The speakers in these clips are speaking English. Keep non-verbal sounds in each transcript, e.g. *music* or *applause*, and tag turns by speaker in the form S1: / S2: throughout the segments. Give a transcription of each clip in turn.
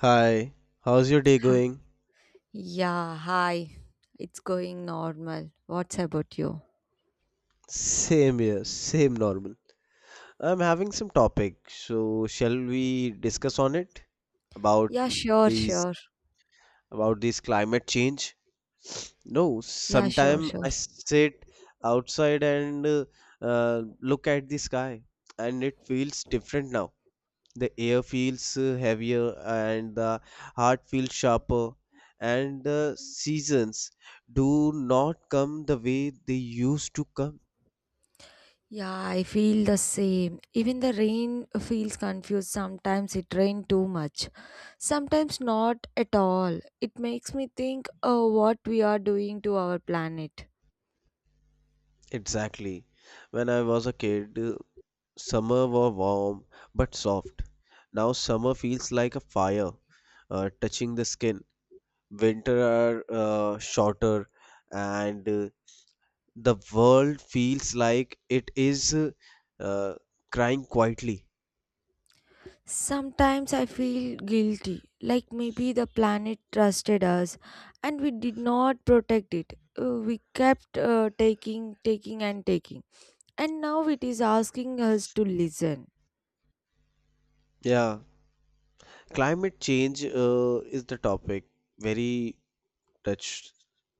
S1: Hi, how's your day
S2: Huh.
S1: going?
S2: Yeah, hi. It's going normal. What's about you?
S1: Same here, same normal. I'm having some topic, so shall we discuss on it about
S2: Yeah, sure,
S1: these
S2: sure.
S1: about these climate change? No,
S2: Yeah, sure,
S1: sometime
S2: sure.
S1: I sit outside and look at the sky, and it feels different now. The air feels heavier and the heart feels sharper and the seasons do not come the way they used to come
S2: Yeah, I feel the same. Even the rain feels confused. Sometimes it rained too much. Sometimes not at all. It makes me think what we are doing to our planet.
S1: exactly when I was a kid, summer was warm but soft. Now summer feels like a fire, touching the skin. Winter are shorter and the world feels like it is uh, crying quietly.
S2: Sometimes I feel guilty, like maybe the planet trusted us and we did not protect it. We kept taking, taking, and taking. And now it is asking us to listen.
S1: Yeah, climate change is the topic very touched.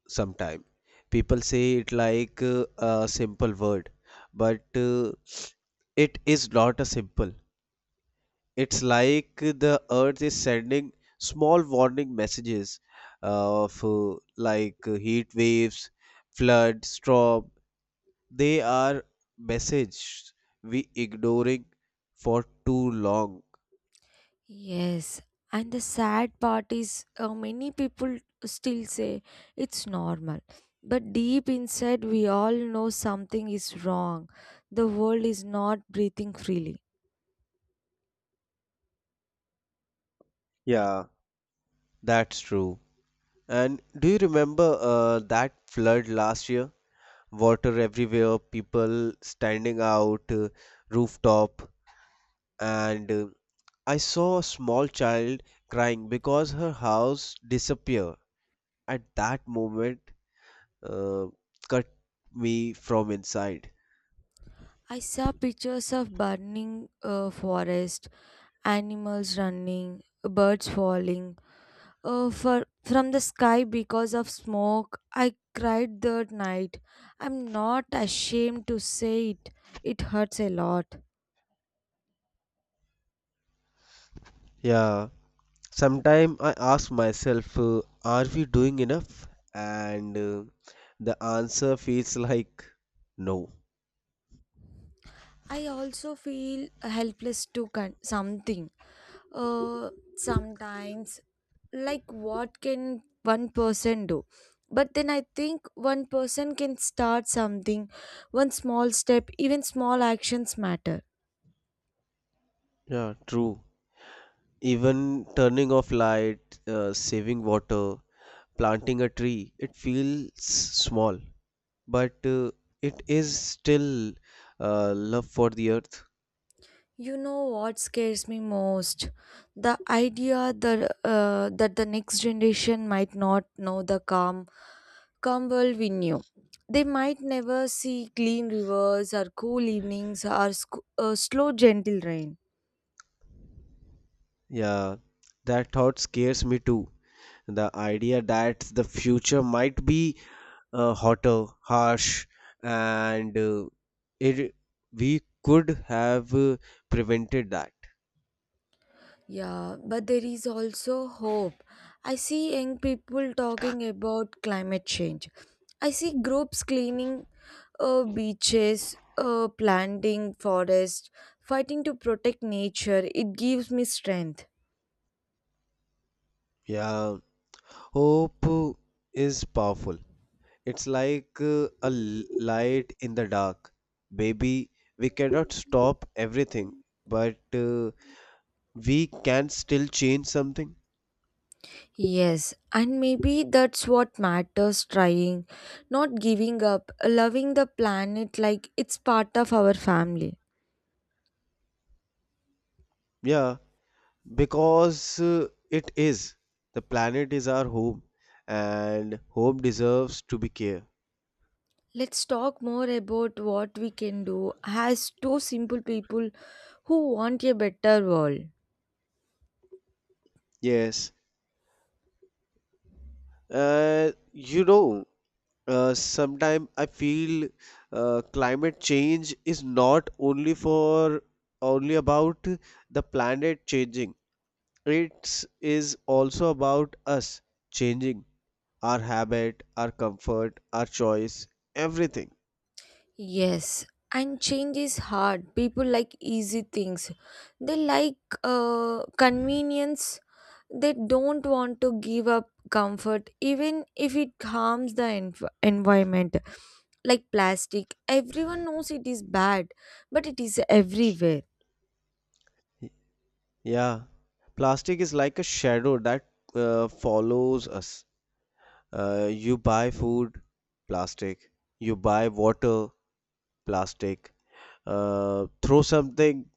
S1: Sometime people say it like a simple word, but it is not a simple. It's like the earth is sending small warning messages of, like, heat waves, flood, storm. They are messages we ignoring for too long.
S2: Yes, and the sad part is many people still say it's normal. But deep inside, we all know something is wrong. The world is not breathing freely.
S1: Yeah, that's true. And do you remember that flood last year? Water everywhere, people standing out, rooftop, and I saw a small child crying because her house disappeared. At that moment, uh, cut me from inside.
S2: I saw pictures of burning forest, animals running, birds falling, from the sky because of smoke. I cried that night. I'm not ashamed to say it. It hurts a lot.
S1: Yeah, sometimes I ask myself, are we doing enough? And the answer feels *laughs* like no.
S2: I also feel helpless to something. Uh, Sometimes, like what can one person do? But then I think one person can start something. One small step, even small actions matter.
S1: Yeah, true. Even turning off light, saving water, planting a tree, it feels small, but it is still, love for the earth.
S2: You know what scares me most? The idea that the next generation might not know the calm world we knew. They might never see clean rivers or cool evenings or slow, gentle rain.
S1: Yeah, that thought scares me too. The idea that the future might be hotter, harsh, and it, we could have prevented that.
S2: Yeah, but there is also hope. I see young people talking about climate change. I see groups cleaning beaches, planting forests, fighting to protect nature. It gives me strength.
S1: Yeah, hope is powerful. It's like light in the dark. Baby, we cannot stop everything, but we can still change something.
S2: Yes, and maybe that's what matters trying, not giving up, loving the planet like it's part of our family.
S1: Yeah, because it is. The planet is our home, and home deserves to be care.
S2: Let's talk more about what we can do as two simple people who want a better world.
S1: Yes. You know, sometime I feel climate change is not only about the planet changing. It is also about us changing our habit, our comfort, our choice, everything.
S2: Yes, and change is hard. People like easy things. They like convenience. They don't want to give up comfort, even if it harms the environment. Like plastic, everyone knows it is bad, but it is everywhere.
S1: Yeah, plastic is like a shadow that follows us. You buy food, plastic. You buy water, plastic. Throw something,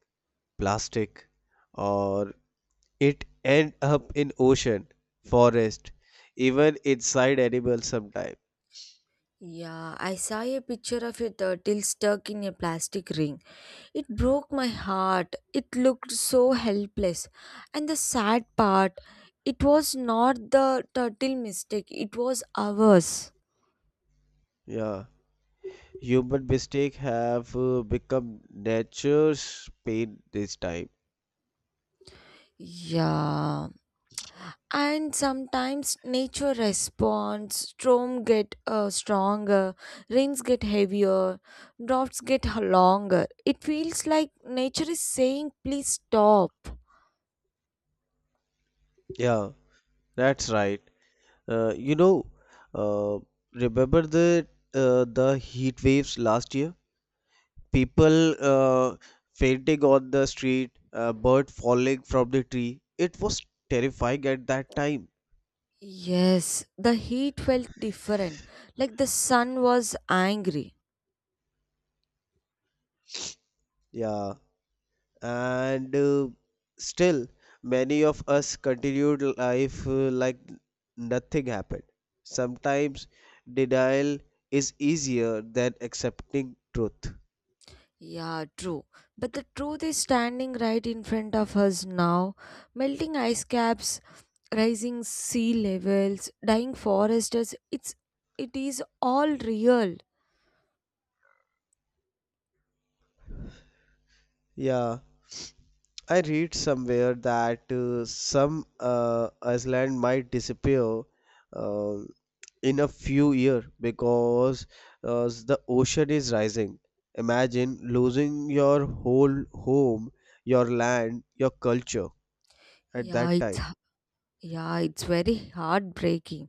S1: plastic, or it end up in ocean, forest, even inside animals sometime.
S2: Yeah, I saw a picture of a turtle stuck in a plastic ring. It broke my heart. It looked so helpless. And the sad part, it was not the turtle mistake, it was ours.
S1: Yeah. Human mistake have become nature's pain this time.
S2: Yeah. And sometimes nature responds, storm get stronger, rains get heavier, droughts get longer. It feels like nature is saying, please stop.
S1: Yeah, that's right. You know, uh, remember the heat waves last year? People fainting on the street, a bird falling from the tree. It was terrifying at that time.
S2: Yes, the heat felt different, like the sun was angry.
S1: Yeah. And still many of us continued life, like nothing happened. Sometimes denial is easier than accepting truth.
S2: Yeah, true. But the truth is standing right in front of us now. Melting ice caps, rising sea levels, dying forests, it is all real.
S1: Yeah, I read somewhere that some island might disappear uh, in a few years because the ocean is rising. Imagine losing your whole home, your land, your culture at
S2: Yeah,
S1: that
S2: it's
S1: time.
S2: yeah, it's very heartbreaking.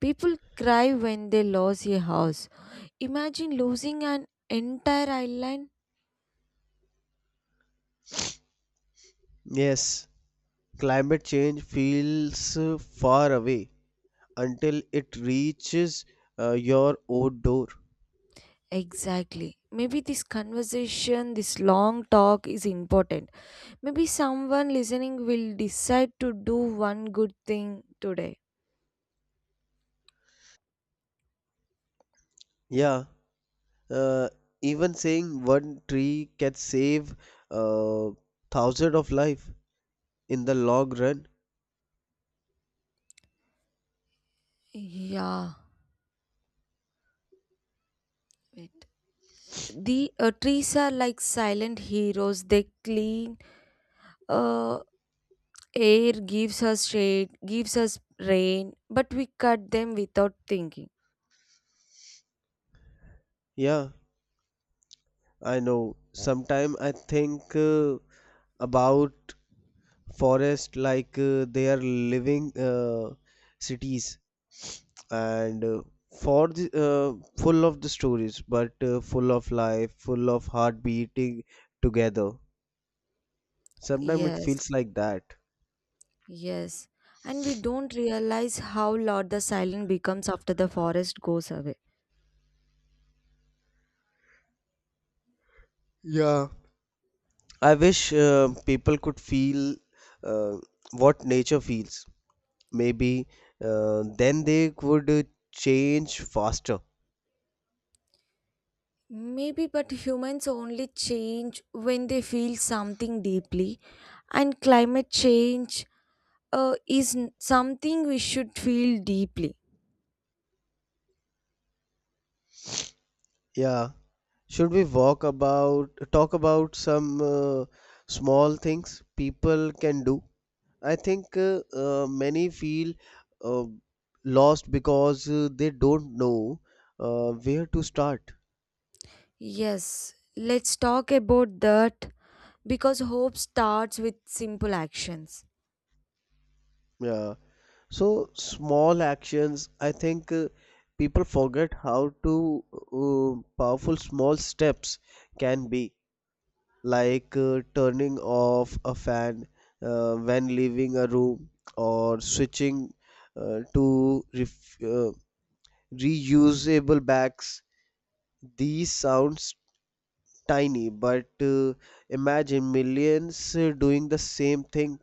S2: People cry when they lose a house. Imagine losing an entire island.
S1: Yes, climate change feels far away until it reaches your own door.
S2: Exactly. Maybe this conversation, this long talk is important. Maybe someone listening will decide to do one good thing today.
S1: Yeah, uh, even saying one tree can save uh, thousand of life in the long run.
S2: Yeah, wait. The trees are like silent heroes. They clean uh, air, gives us shade, gives us rain, but we cut them without thinking.
S1: Yeah, I know. Sometime I think about forest like they are living cities, and for the full of the stories, but full of life, full of heart beating together. Sometimes it
S2: Yes,
S1: feels like that.
S2: yes. And we don't realize how loud the silence becomes after the forest goes away.
S1: Yeah, I wish people could feel uh, what nature feels. Maybe then they would change faster.
S2: Maybe, but humans only change when they feel something deeply, and climate change something we should feel deeply.
S1: Yeah. Should we walk about talk about some small things people can do? I think many feel uh, lost because they don't know where to start.
S2: Yes, let's talk about that because hope starts with simple actions.
S1: Yeah. So small actions, I think people forget how to powerful small steps can be, like turning off a fan when leaving a room, or switching to reusable bags. These sounds tiny, but imagine millions doing the same thing.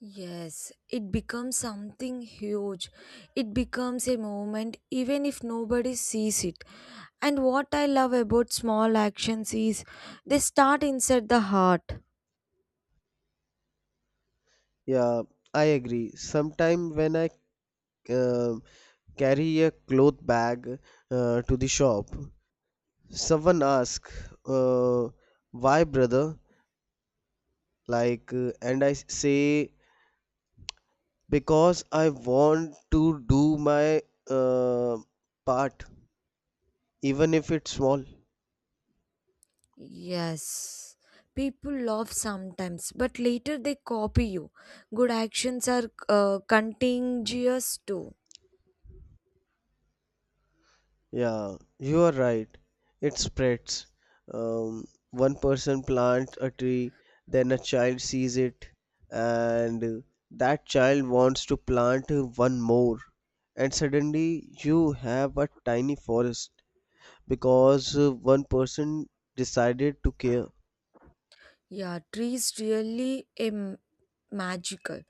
S2: Yes, it becomes something huge. It becomes a moment even if nobody sees it. And what I love about small actions is they start inside the heart.
S1: Yeah, I agree. Sometime when I uh, carry a cloth bag to the shop, someone asks, uh, "Why, brother?" Like, and I say because I want to do my, uh, part, even if it's small.
S2: Yes, people laugh sometimes, but later they copy you. Good actions are contagious too.
S1: Yeah, you are right. It spreads. Um, One person plants a tree, then a child sees it, and that child wants to plant one more. And suddenly you have a tiny forest because one person decided to care.
S2: Yeah, trees really magical.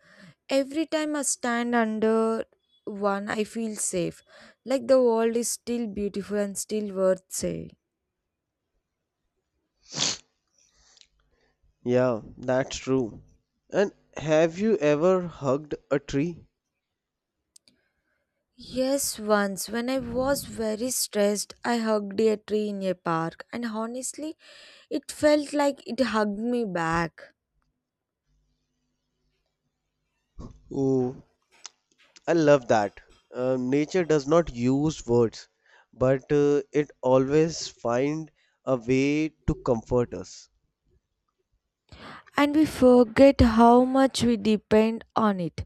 S2: Every time I stand under one, I feel safe. Like the world is still beautiful and still worth saving.
S1: Yeah, that's true. And have you ever hugged a tree?
S2: Yes, once when I was very stressed, I hugged a tree in a park, and honestly, it felt like it hugged me back.
S1: Oh, I love that. Nature does not use words, but it always find a way to comfort us.
S2: And we forget how much we depend on it.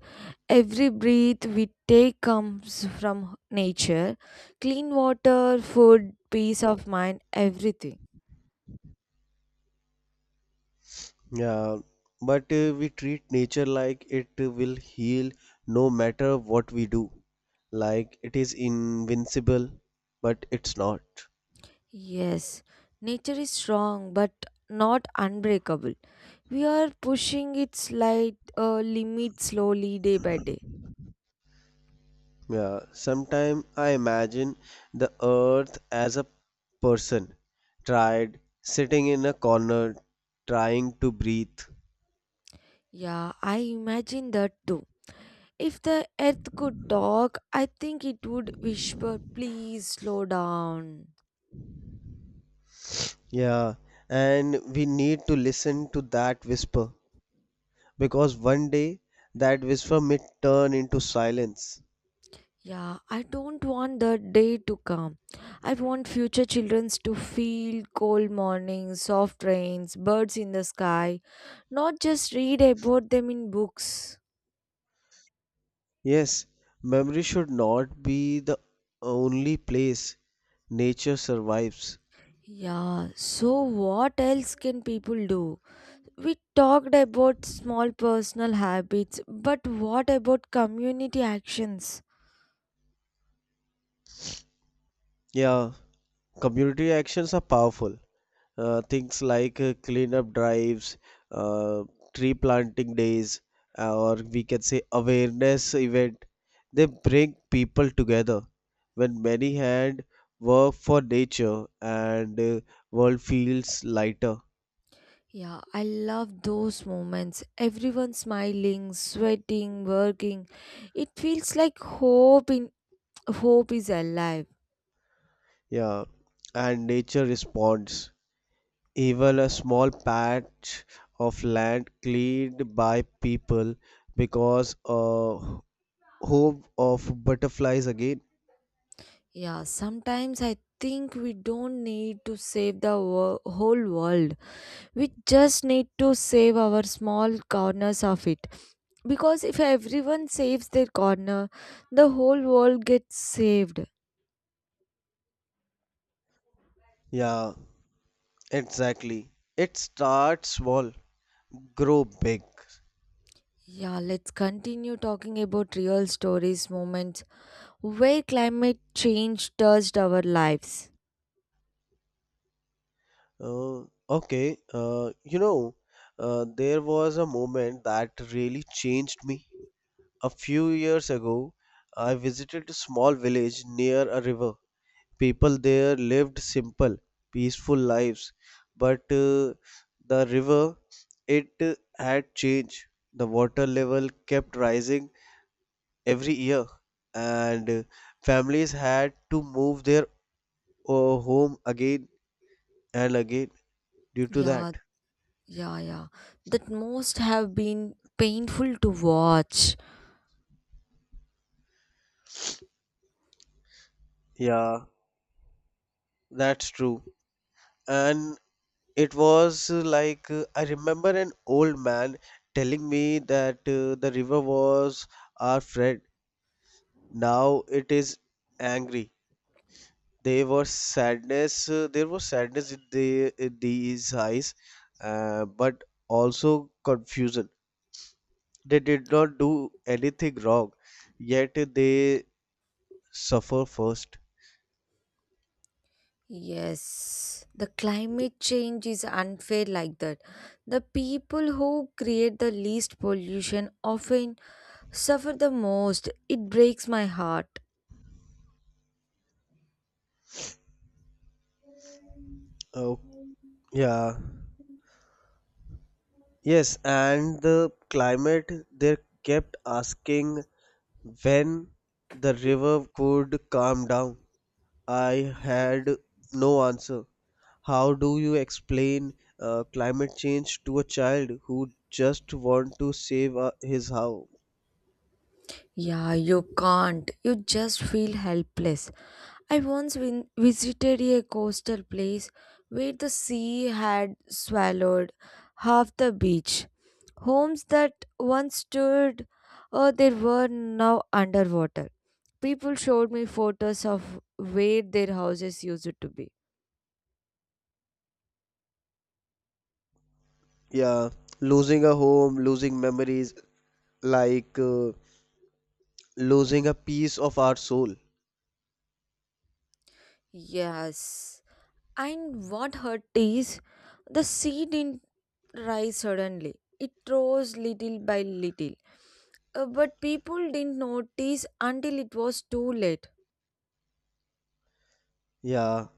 S2: Every breath we take comes from nature, clean water, food, peace of mind, everything.
S1: Yeah, but we treat nature like it will heal no matter what we do, like it is invincible, but it's not.
S2: Yes, nature is strong but not unbreakable. We are pushing its light limit slowly day by day.
S1: Yeah, sometimes I imagine the earth as a person, tried sitting in a corner, trying to breathe.
S2: Yeah, I imagine that too. If the earth could talk, I think it would whisper, please slow down.
S1: Yeah, and we need to listen to that whisper because one day that whisper may turn into silence.
S2: Yeah, I don't want that day to come. I want future children to feel cold mornings, soft rains, birds in the sky, not just read about them in books.
S1: Yes, memory should not be the only place nature survives.
S2: Yeah, so what else can people do? We talked about small personal habits, but what about community actions?
S1: Yeah, community actions are powerful, things like cleanup drives, uh, tree planting days, or we can say awareness event. They bring people together. When many hand work for nature, and world feels lighter.
S2: Yeah, I love those moments. Everyone smiling, sweating, working. It feels like hope is alive.
S1: Yeah, and nature responds. Even a small patch of land cleaned by people because home of butterflies again.
S2: Yeah, sometimes I think we don't need to save the whole world. We just need to save our small corners of it. Because if everyone saves their corner, the whole world gets saved.
S1: Yeah, exactly. It starts small, grow big.
S2: Yeah, let's continue talking about real stories, moments where climate change touched our lives.
S1: Uh, okay, you know, there was a moment that really changed me. A few years ago, I visited a small village near a river. People there lived simple, peaceful lives, but the river, it had changed. The water level kept rising every year, and families had to move their home again and again due to
S2: Yeah,
S1: that.
S2: yeah, yeah. That most have been painful to watch.
S1: Yeah, that's true. And it was like I remember an old man telling me that the river was our friend. Now it is angry. There was sadness. There was sadness in these eyes, but also confusion. They did not do anything wrong, yet they suffer first.
S2: Yes, the climate change is unfair like that. The people who create the least pollution often suffer the most. It breaks my heart.
S1: Oh, yeah. Yes, and the climate, they kept asking when the river could calm down. I had no answer. How do you explain climate change to a child who just want to save his house?
S2: Yeah, you can't. You just feel helpless. I once visited a coastal place where the sea had swallowed half the beach. Homes that once stood, they were now underwater. People showed me photos of where their houses used to be.
S1: Yeah, losing a home, losing memories, like losing a piece of our soul.
S2: Yes. And what hurt is the sea didn't rise suddenly. It rose little by little. But people didn't notice until it was too late.
S1: Yeah,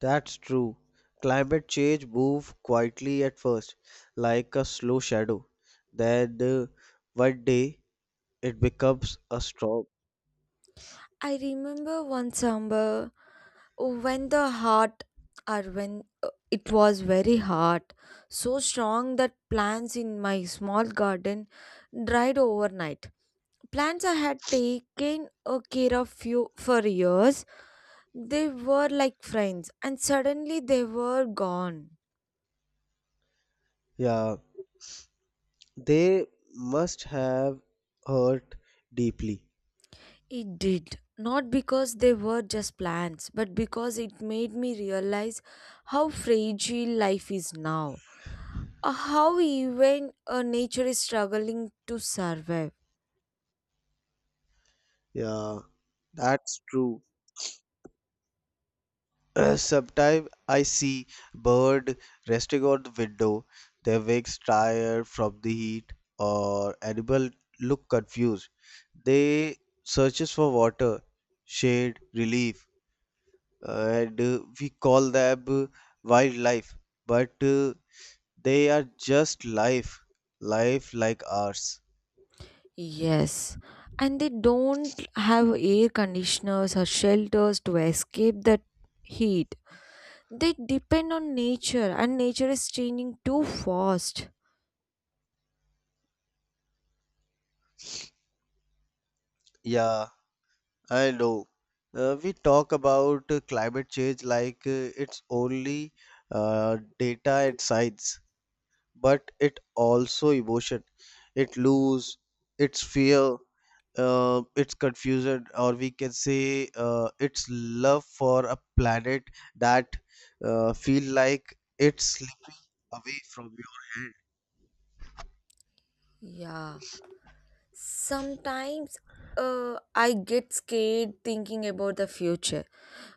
S1: that's true. Climate change moves quietly at first, like a slow shadow. Then one day it becomes a storm.
S2: I remember one summer when the heart or when it was very hot, so strong that plants in my small garden dried overnight. Plants I had taken a care of few for years. They were like friends, and suddenly they were gone.
S1: Yeah, they must have hurt deeply.
S2: It did. Not because they were just plants, but because it made me realize how fragile life is now. How even nature is struggling to survive.
S1: Yeah, that's true. *clears throat* Sometimes I see bird resting on the window, their wings tired from the heat, or animal look confused. They searches for water, shade, relief, and we call them wildlife, but they are just life, life like ours.
S2: Yes. And they don't have air conditioners or shelters to escape that heat. They depend on nature, and nature is changing too fast.
S1: Yeah, I know. We talk about climate change like it's only data and science, but it also emotion. It lose its fear, its confusion, or we can say its love for a planet that feel like it's slipping away from your hand.
S2: Yeah, sometimes I get scared thinking about the future.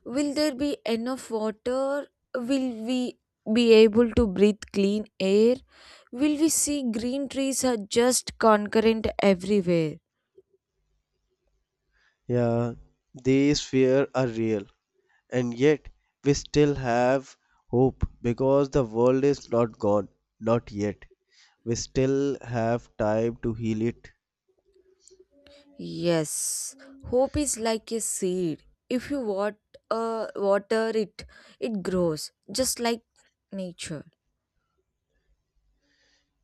S2: Will there be enough water? Will we be able to breathe clean air? Will we see green trees are just concurrent everywhere?
S1: Yeah, these fear are real, and yet we still have hope because the world is not gone, not yet. We still have time to heal it.
S2: Yes, hope is like a seed. If you water it, it grows just like nature.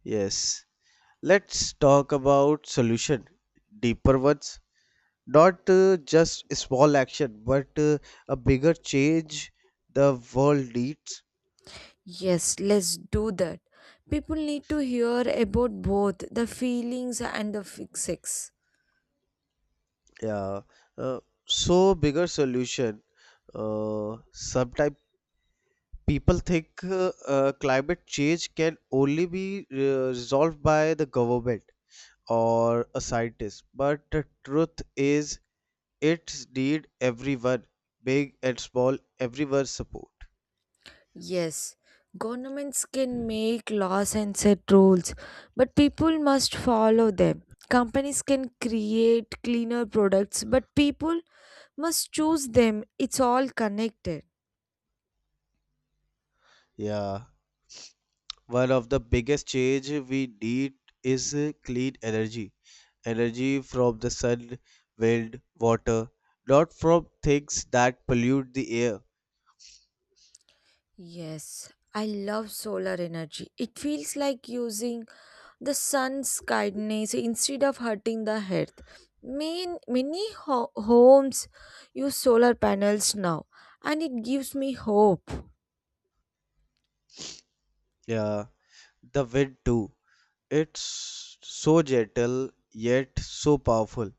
S1: Yes. Let's talk about solution, deeper ones, not just a small action, but a bigger change the world needs.
S2: Yes, let's do that. People need to hear about both the feelings and the fixes.
S1: Yeah. Uh, so bigger solution. Sometimes people think climate change can only be resolved by the government or a scientist, but the truth is it need everyone, big and small, everyone support.
S2: Yes, governments can make laws and set rules, but people must follow them. Companies can create cleaner products, but people must choose them. It's all connected.
S1: Yeah. One of the biggest change we need is clean energy. Energy from the sun, wind, water, not from things that pollute the air.
S2: Yes, I love solar energy. It feels like using the sun's kindness instead of hurting the earth. Main, many homes use solar panels now, and it gives me hope.
S1: Yeah, the wind too. It's so gentle yet so powerful.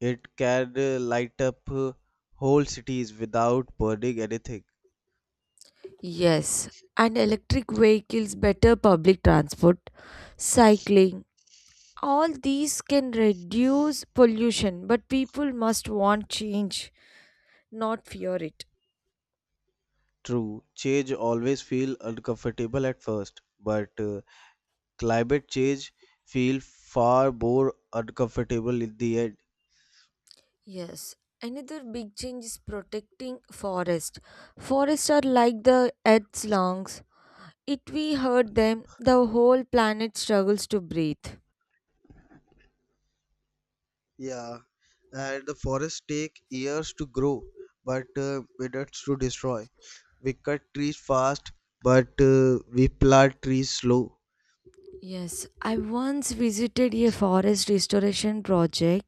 S1: It can light up whole cities without burning anything.
S2: Yes, and electric vehicles, better public transport, cycling, all these can reduce pollution, but people must want change, not fear it.
S1: True, change always feel uncomfortable at first, but climate change feel far more uncomfortable in the end.
S2: Yes, another big change is protecting forest. Forests are like the earth's lungs. If we hurt them, the whole planet struggles to breathe.
S1: Yeah, and the forests take years to grow, but minutes to destroy. We cut trees fast, but we plant trees slow.
S2: Yes, I once visited a forest restoration project.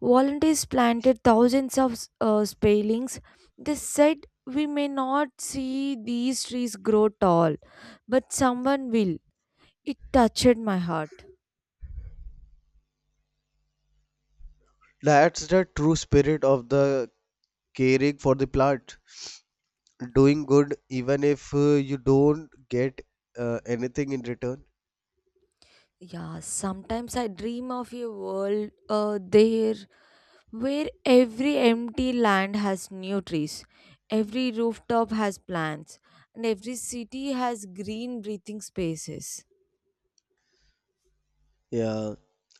S2: Volunteers planted thousands of spalings. They said we may not see these trees grow tall, but someone will. It touched my heart.
S1: That's the true spirit of the caring for the plant, doing good even if you don't get anything in return.
S2: Yeah, sometimes I dream of a world there where every empty land has new trees, every rooftop has plants, and every city has green breathing spaces.
S1: Yeah,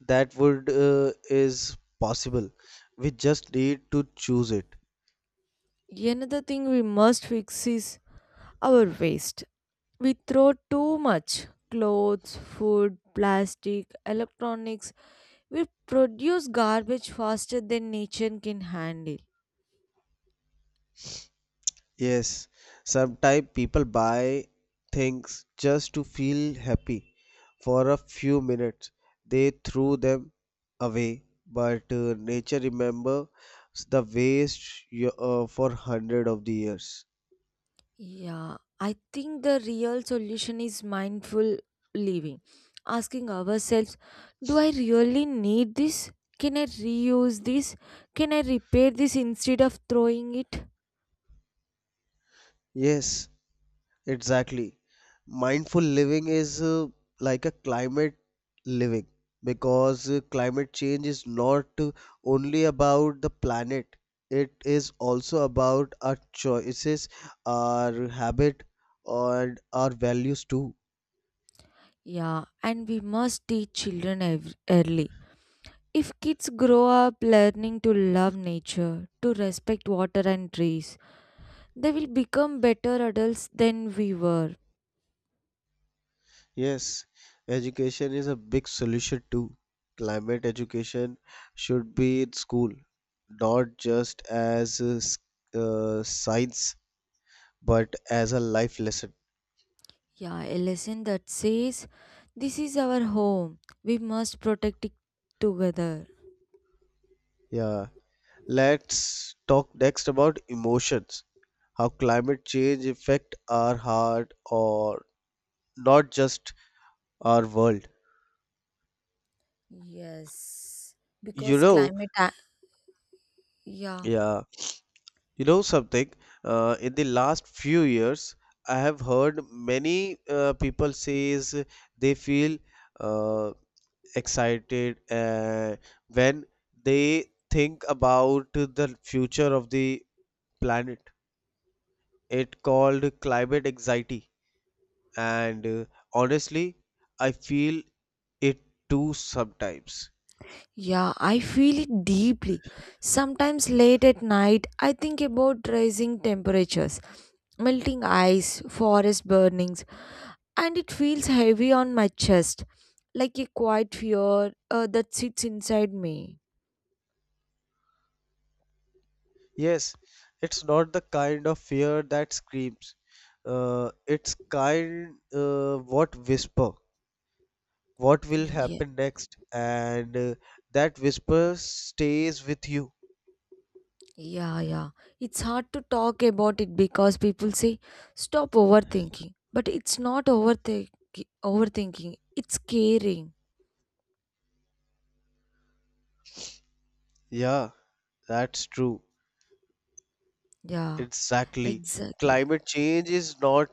S1: that would is possible. We just need to choose it.
S2: Another thing we must fix is our waste. We throw too much clothes, food, plastic, electronics. We produce garbage faster than nature can handle.
S1: Yes, sometimes people buy things just to feel happy for a few minutes. They threw them away, but nature remembers the waste for hundred of the years.
S2: Yeah, I think the real solution is mindful living. Asking ourselves, do I really need this? Can I reuse this? Can I repair this instead of throwing it?
S1: Yes, exactly. Mindful living is like a climate living because climate change is not only about the planet, it is also about our choices, our habit, and our values too.
S2: Yeah, and we must teach children early. If kids grow up learning to love nature, to respect water and trees, they will become better adults than we were.
S1: Yes, education is a big solution too. Climate education should be in school, not just as science, but as a life lesson.
S2: Yeah, a lesson that says, this is our home. We must protect it together.
S1: Yeah. Let's talk next about emotions. How climate change affect our heart, or not just our world.
S2: Yes,
S1: You
S2: because
S1: know,
S2: climate. A- Yeah,
S1: yeah, you know something. In the last few years, I have heard many people says they feel uh, excited when they think about the future of the planet. It called climate anxiety, and honestly, I feel it too sometimes.
S2: yeah, I feel it deeply. Sometimes late at night, I think about rising temperatures, melting ice, forest burnings, and it feels heavy on my chest, like a quiet fear that sits inside me.
S1: Yes, it's not the kind of fear that screams. It's kind what whisper, what will
S2: Yes.
S1: happen next, and that whisper stays with you.
S2: Yeah, yeah. It's hard to talk about it because people say, stop overthinking. But it's not overthinking, it's caring.
S1: Yeah, that's true.
S2: Yeah,
S1: Exactly.
S2: exactly.
S1: Climate change is not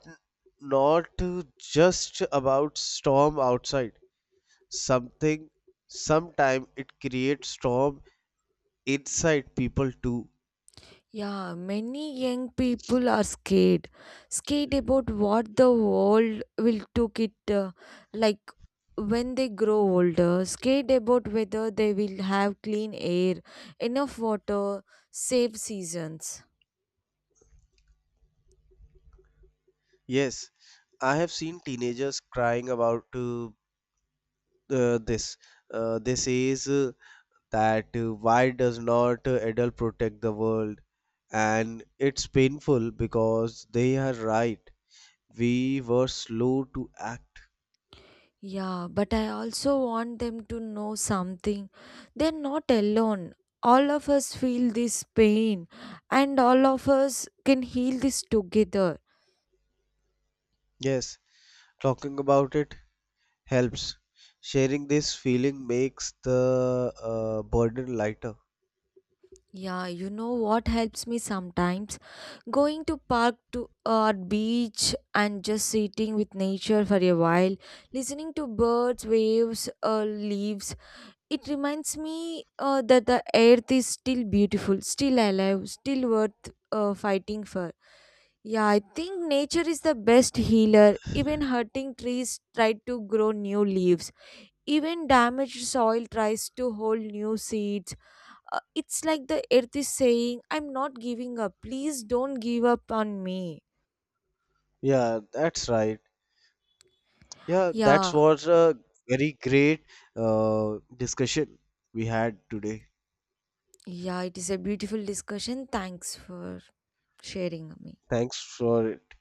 S1: not just about storm outside. Something sometime it creates storm inside people too.
S2: Yeah, many young people are scared. Scared about what the world will take it like when they grow older. Scared about whether they will have clean air, enough water, safe seasons.
S1: Yes, I have seen teenagers crying about this. They says that why does not adult protect the world. And it's painful because they are right. We were slow to act.
S2: Yeah, but I also want them to know something. They're not alone. All of us feel this pain, and all of us can heal this together.
S1: Yes, talking about it helps. Sharing this feeling makes the burden lighter.
S2: Yeah, you know what helps me sometimes? Going to park to a beach and just sitting with nature for a while, listening to birds, waves, leaves. It reminds me that the earth is still beautiful, still alive, still worth fighting for. Yeah, I think nature is the best healer. Even hurting trees try to grow new leaves. Even damaged soil tries to hold new seeds. It's like the earth is saying, I'm not giving up. Please don't give up on me.
S1: Yeah, that's right. Yeah, that
S2: Yeah,
S1: was a very great discussion we had today.
S2: yeah, it is a beautiful discussion. Thanks for sharing me.
S1: Thanks for it.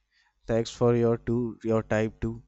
S1: Thanks for your time too.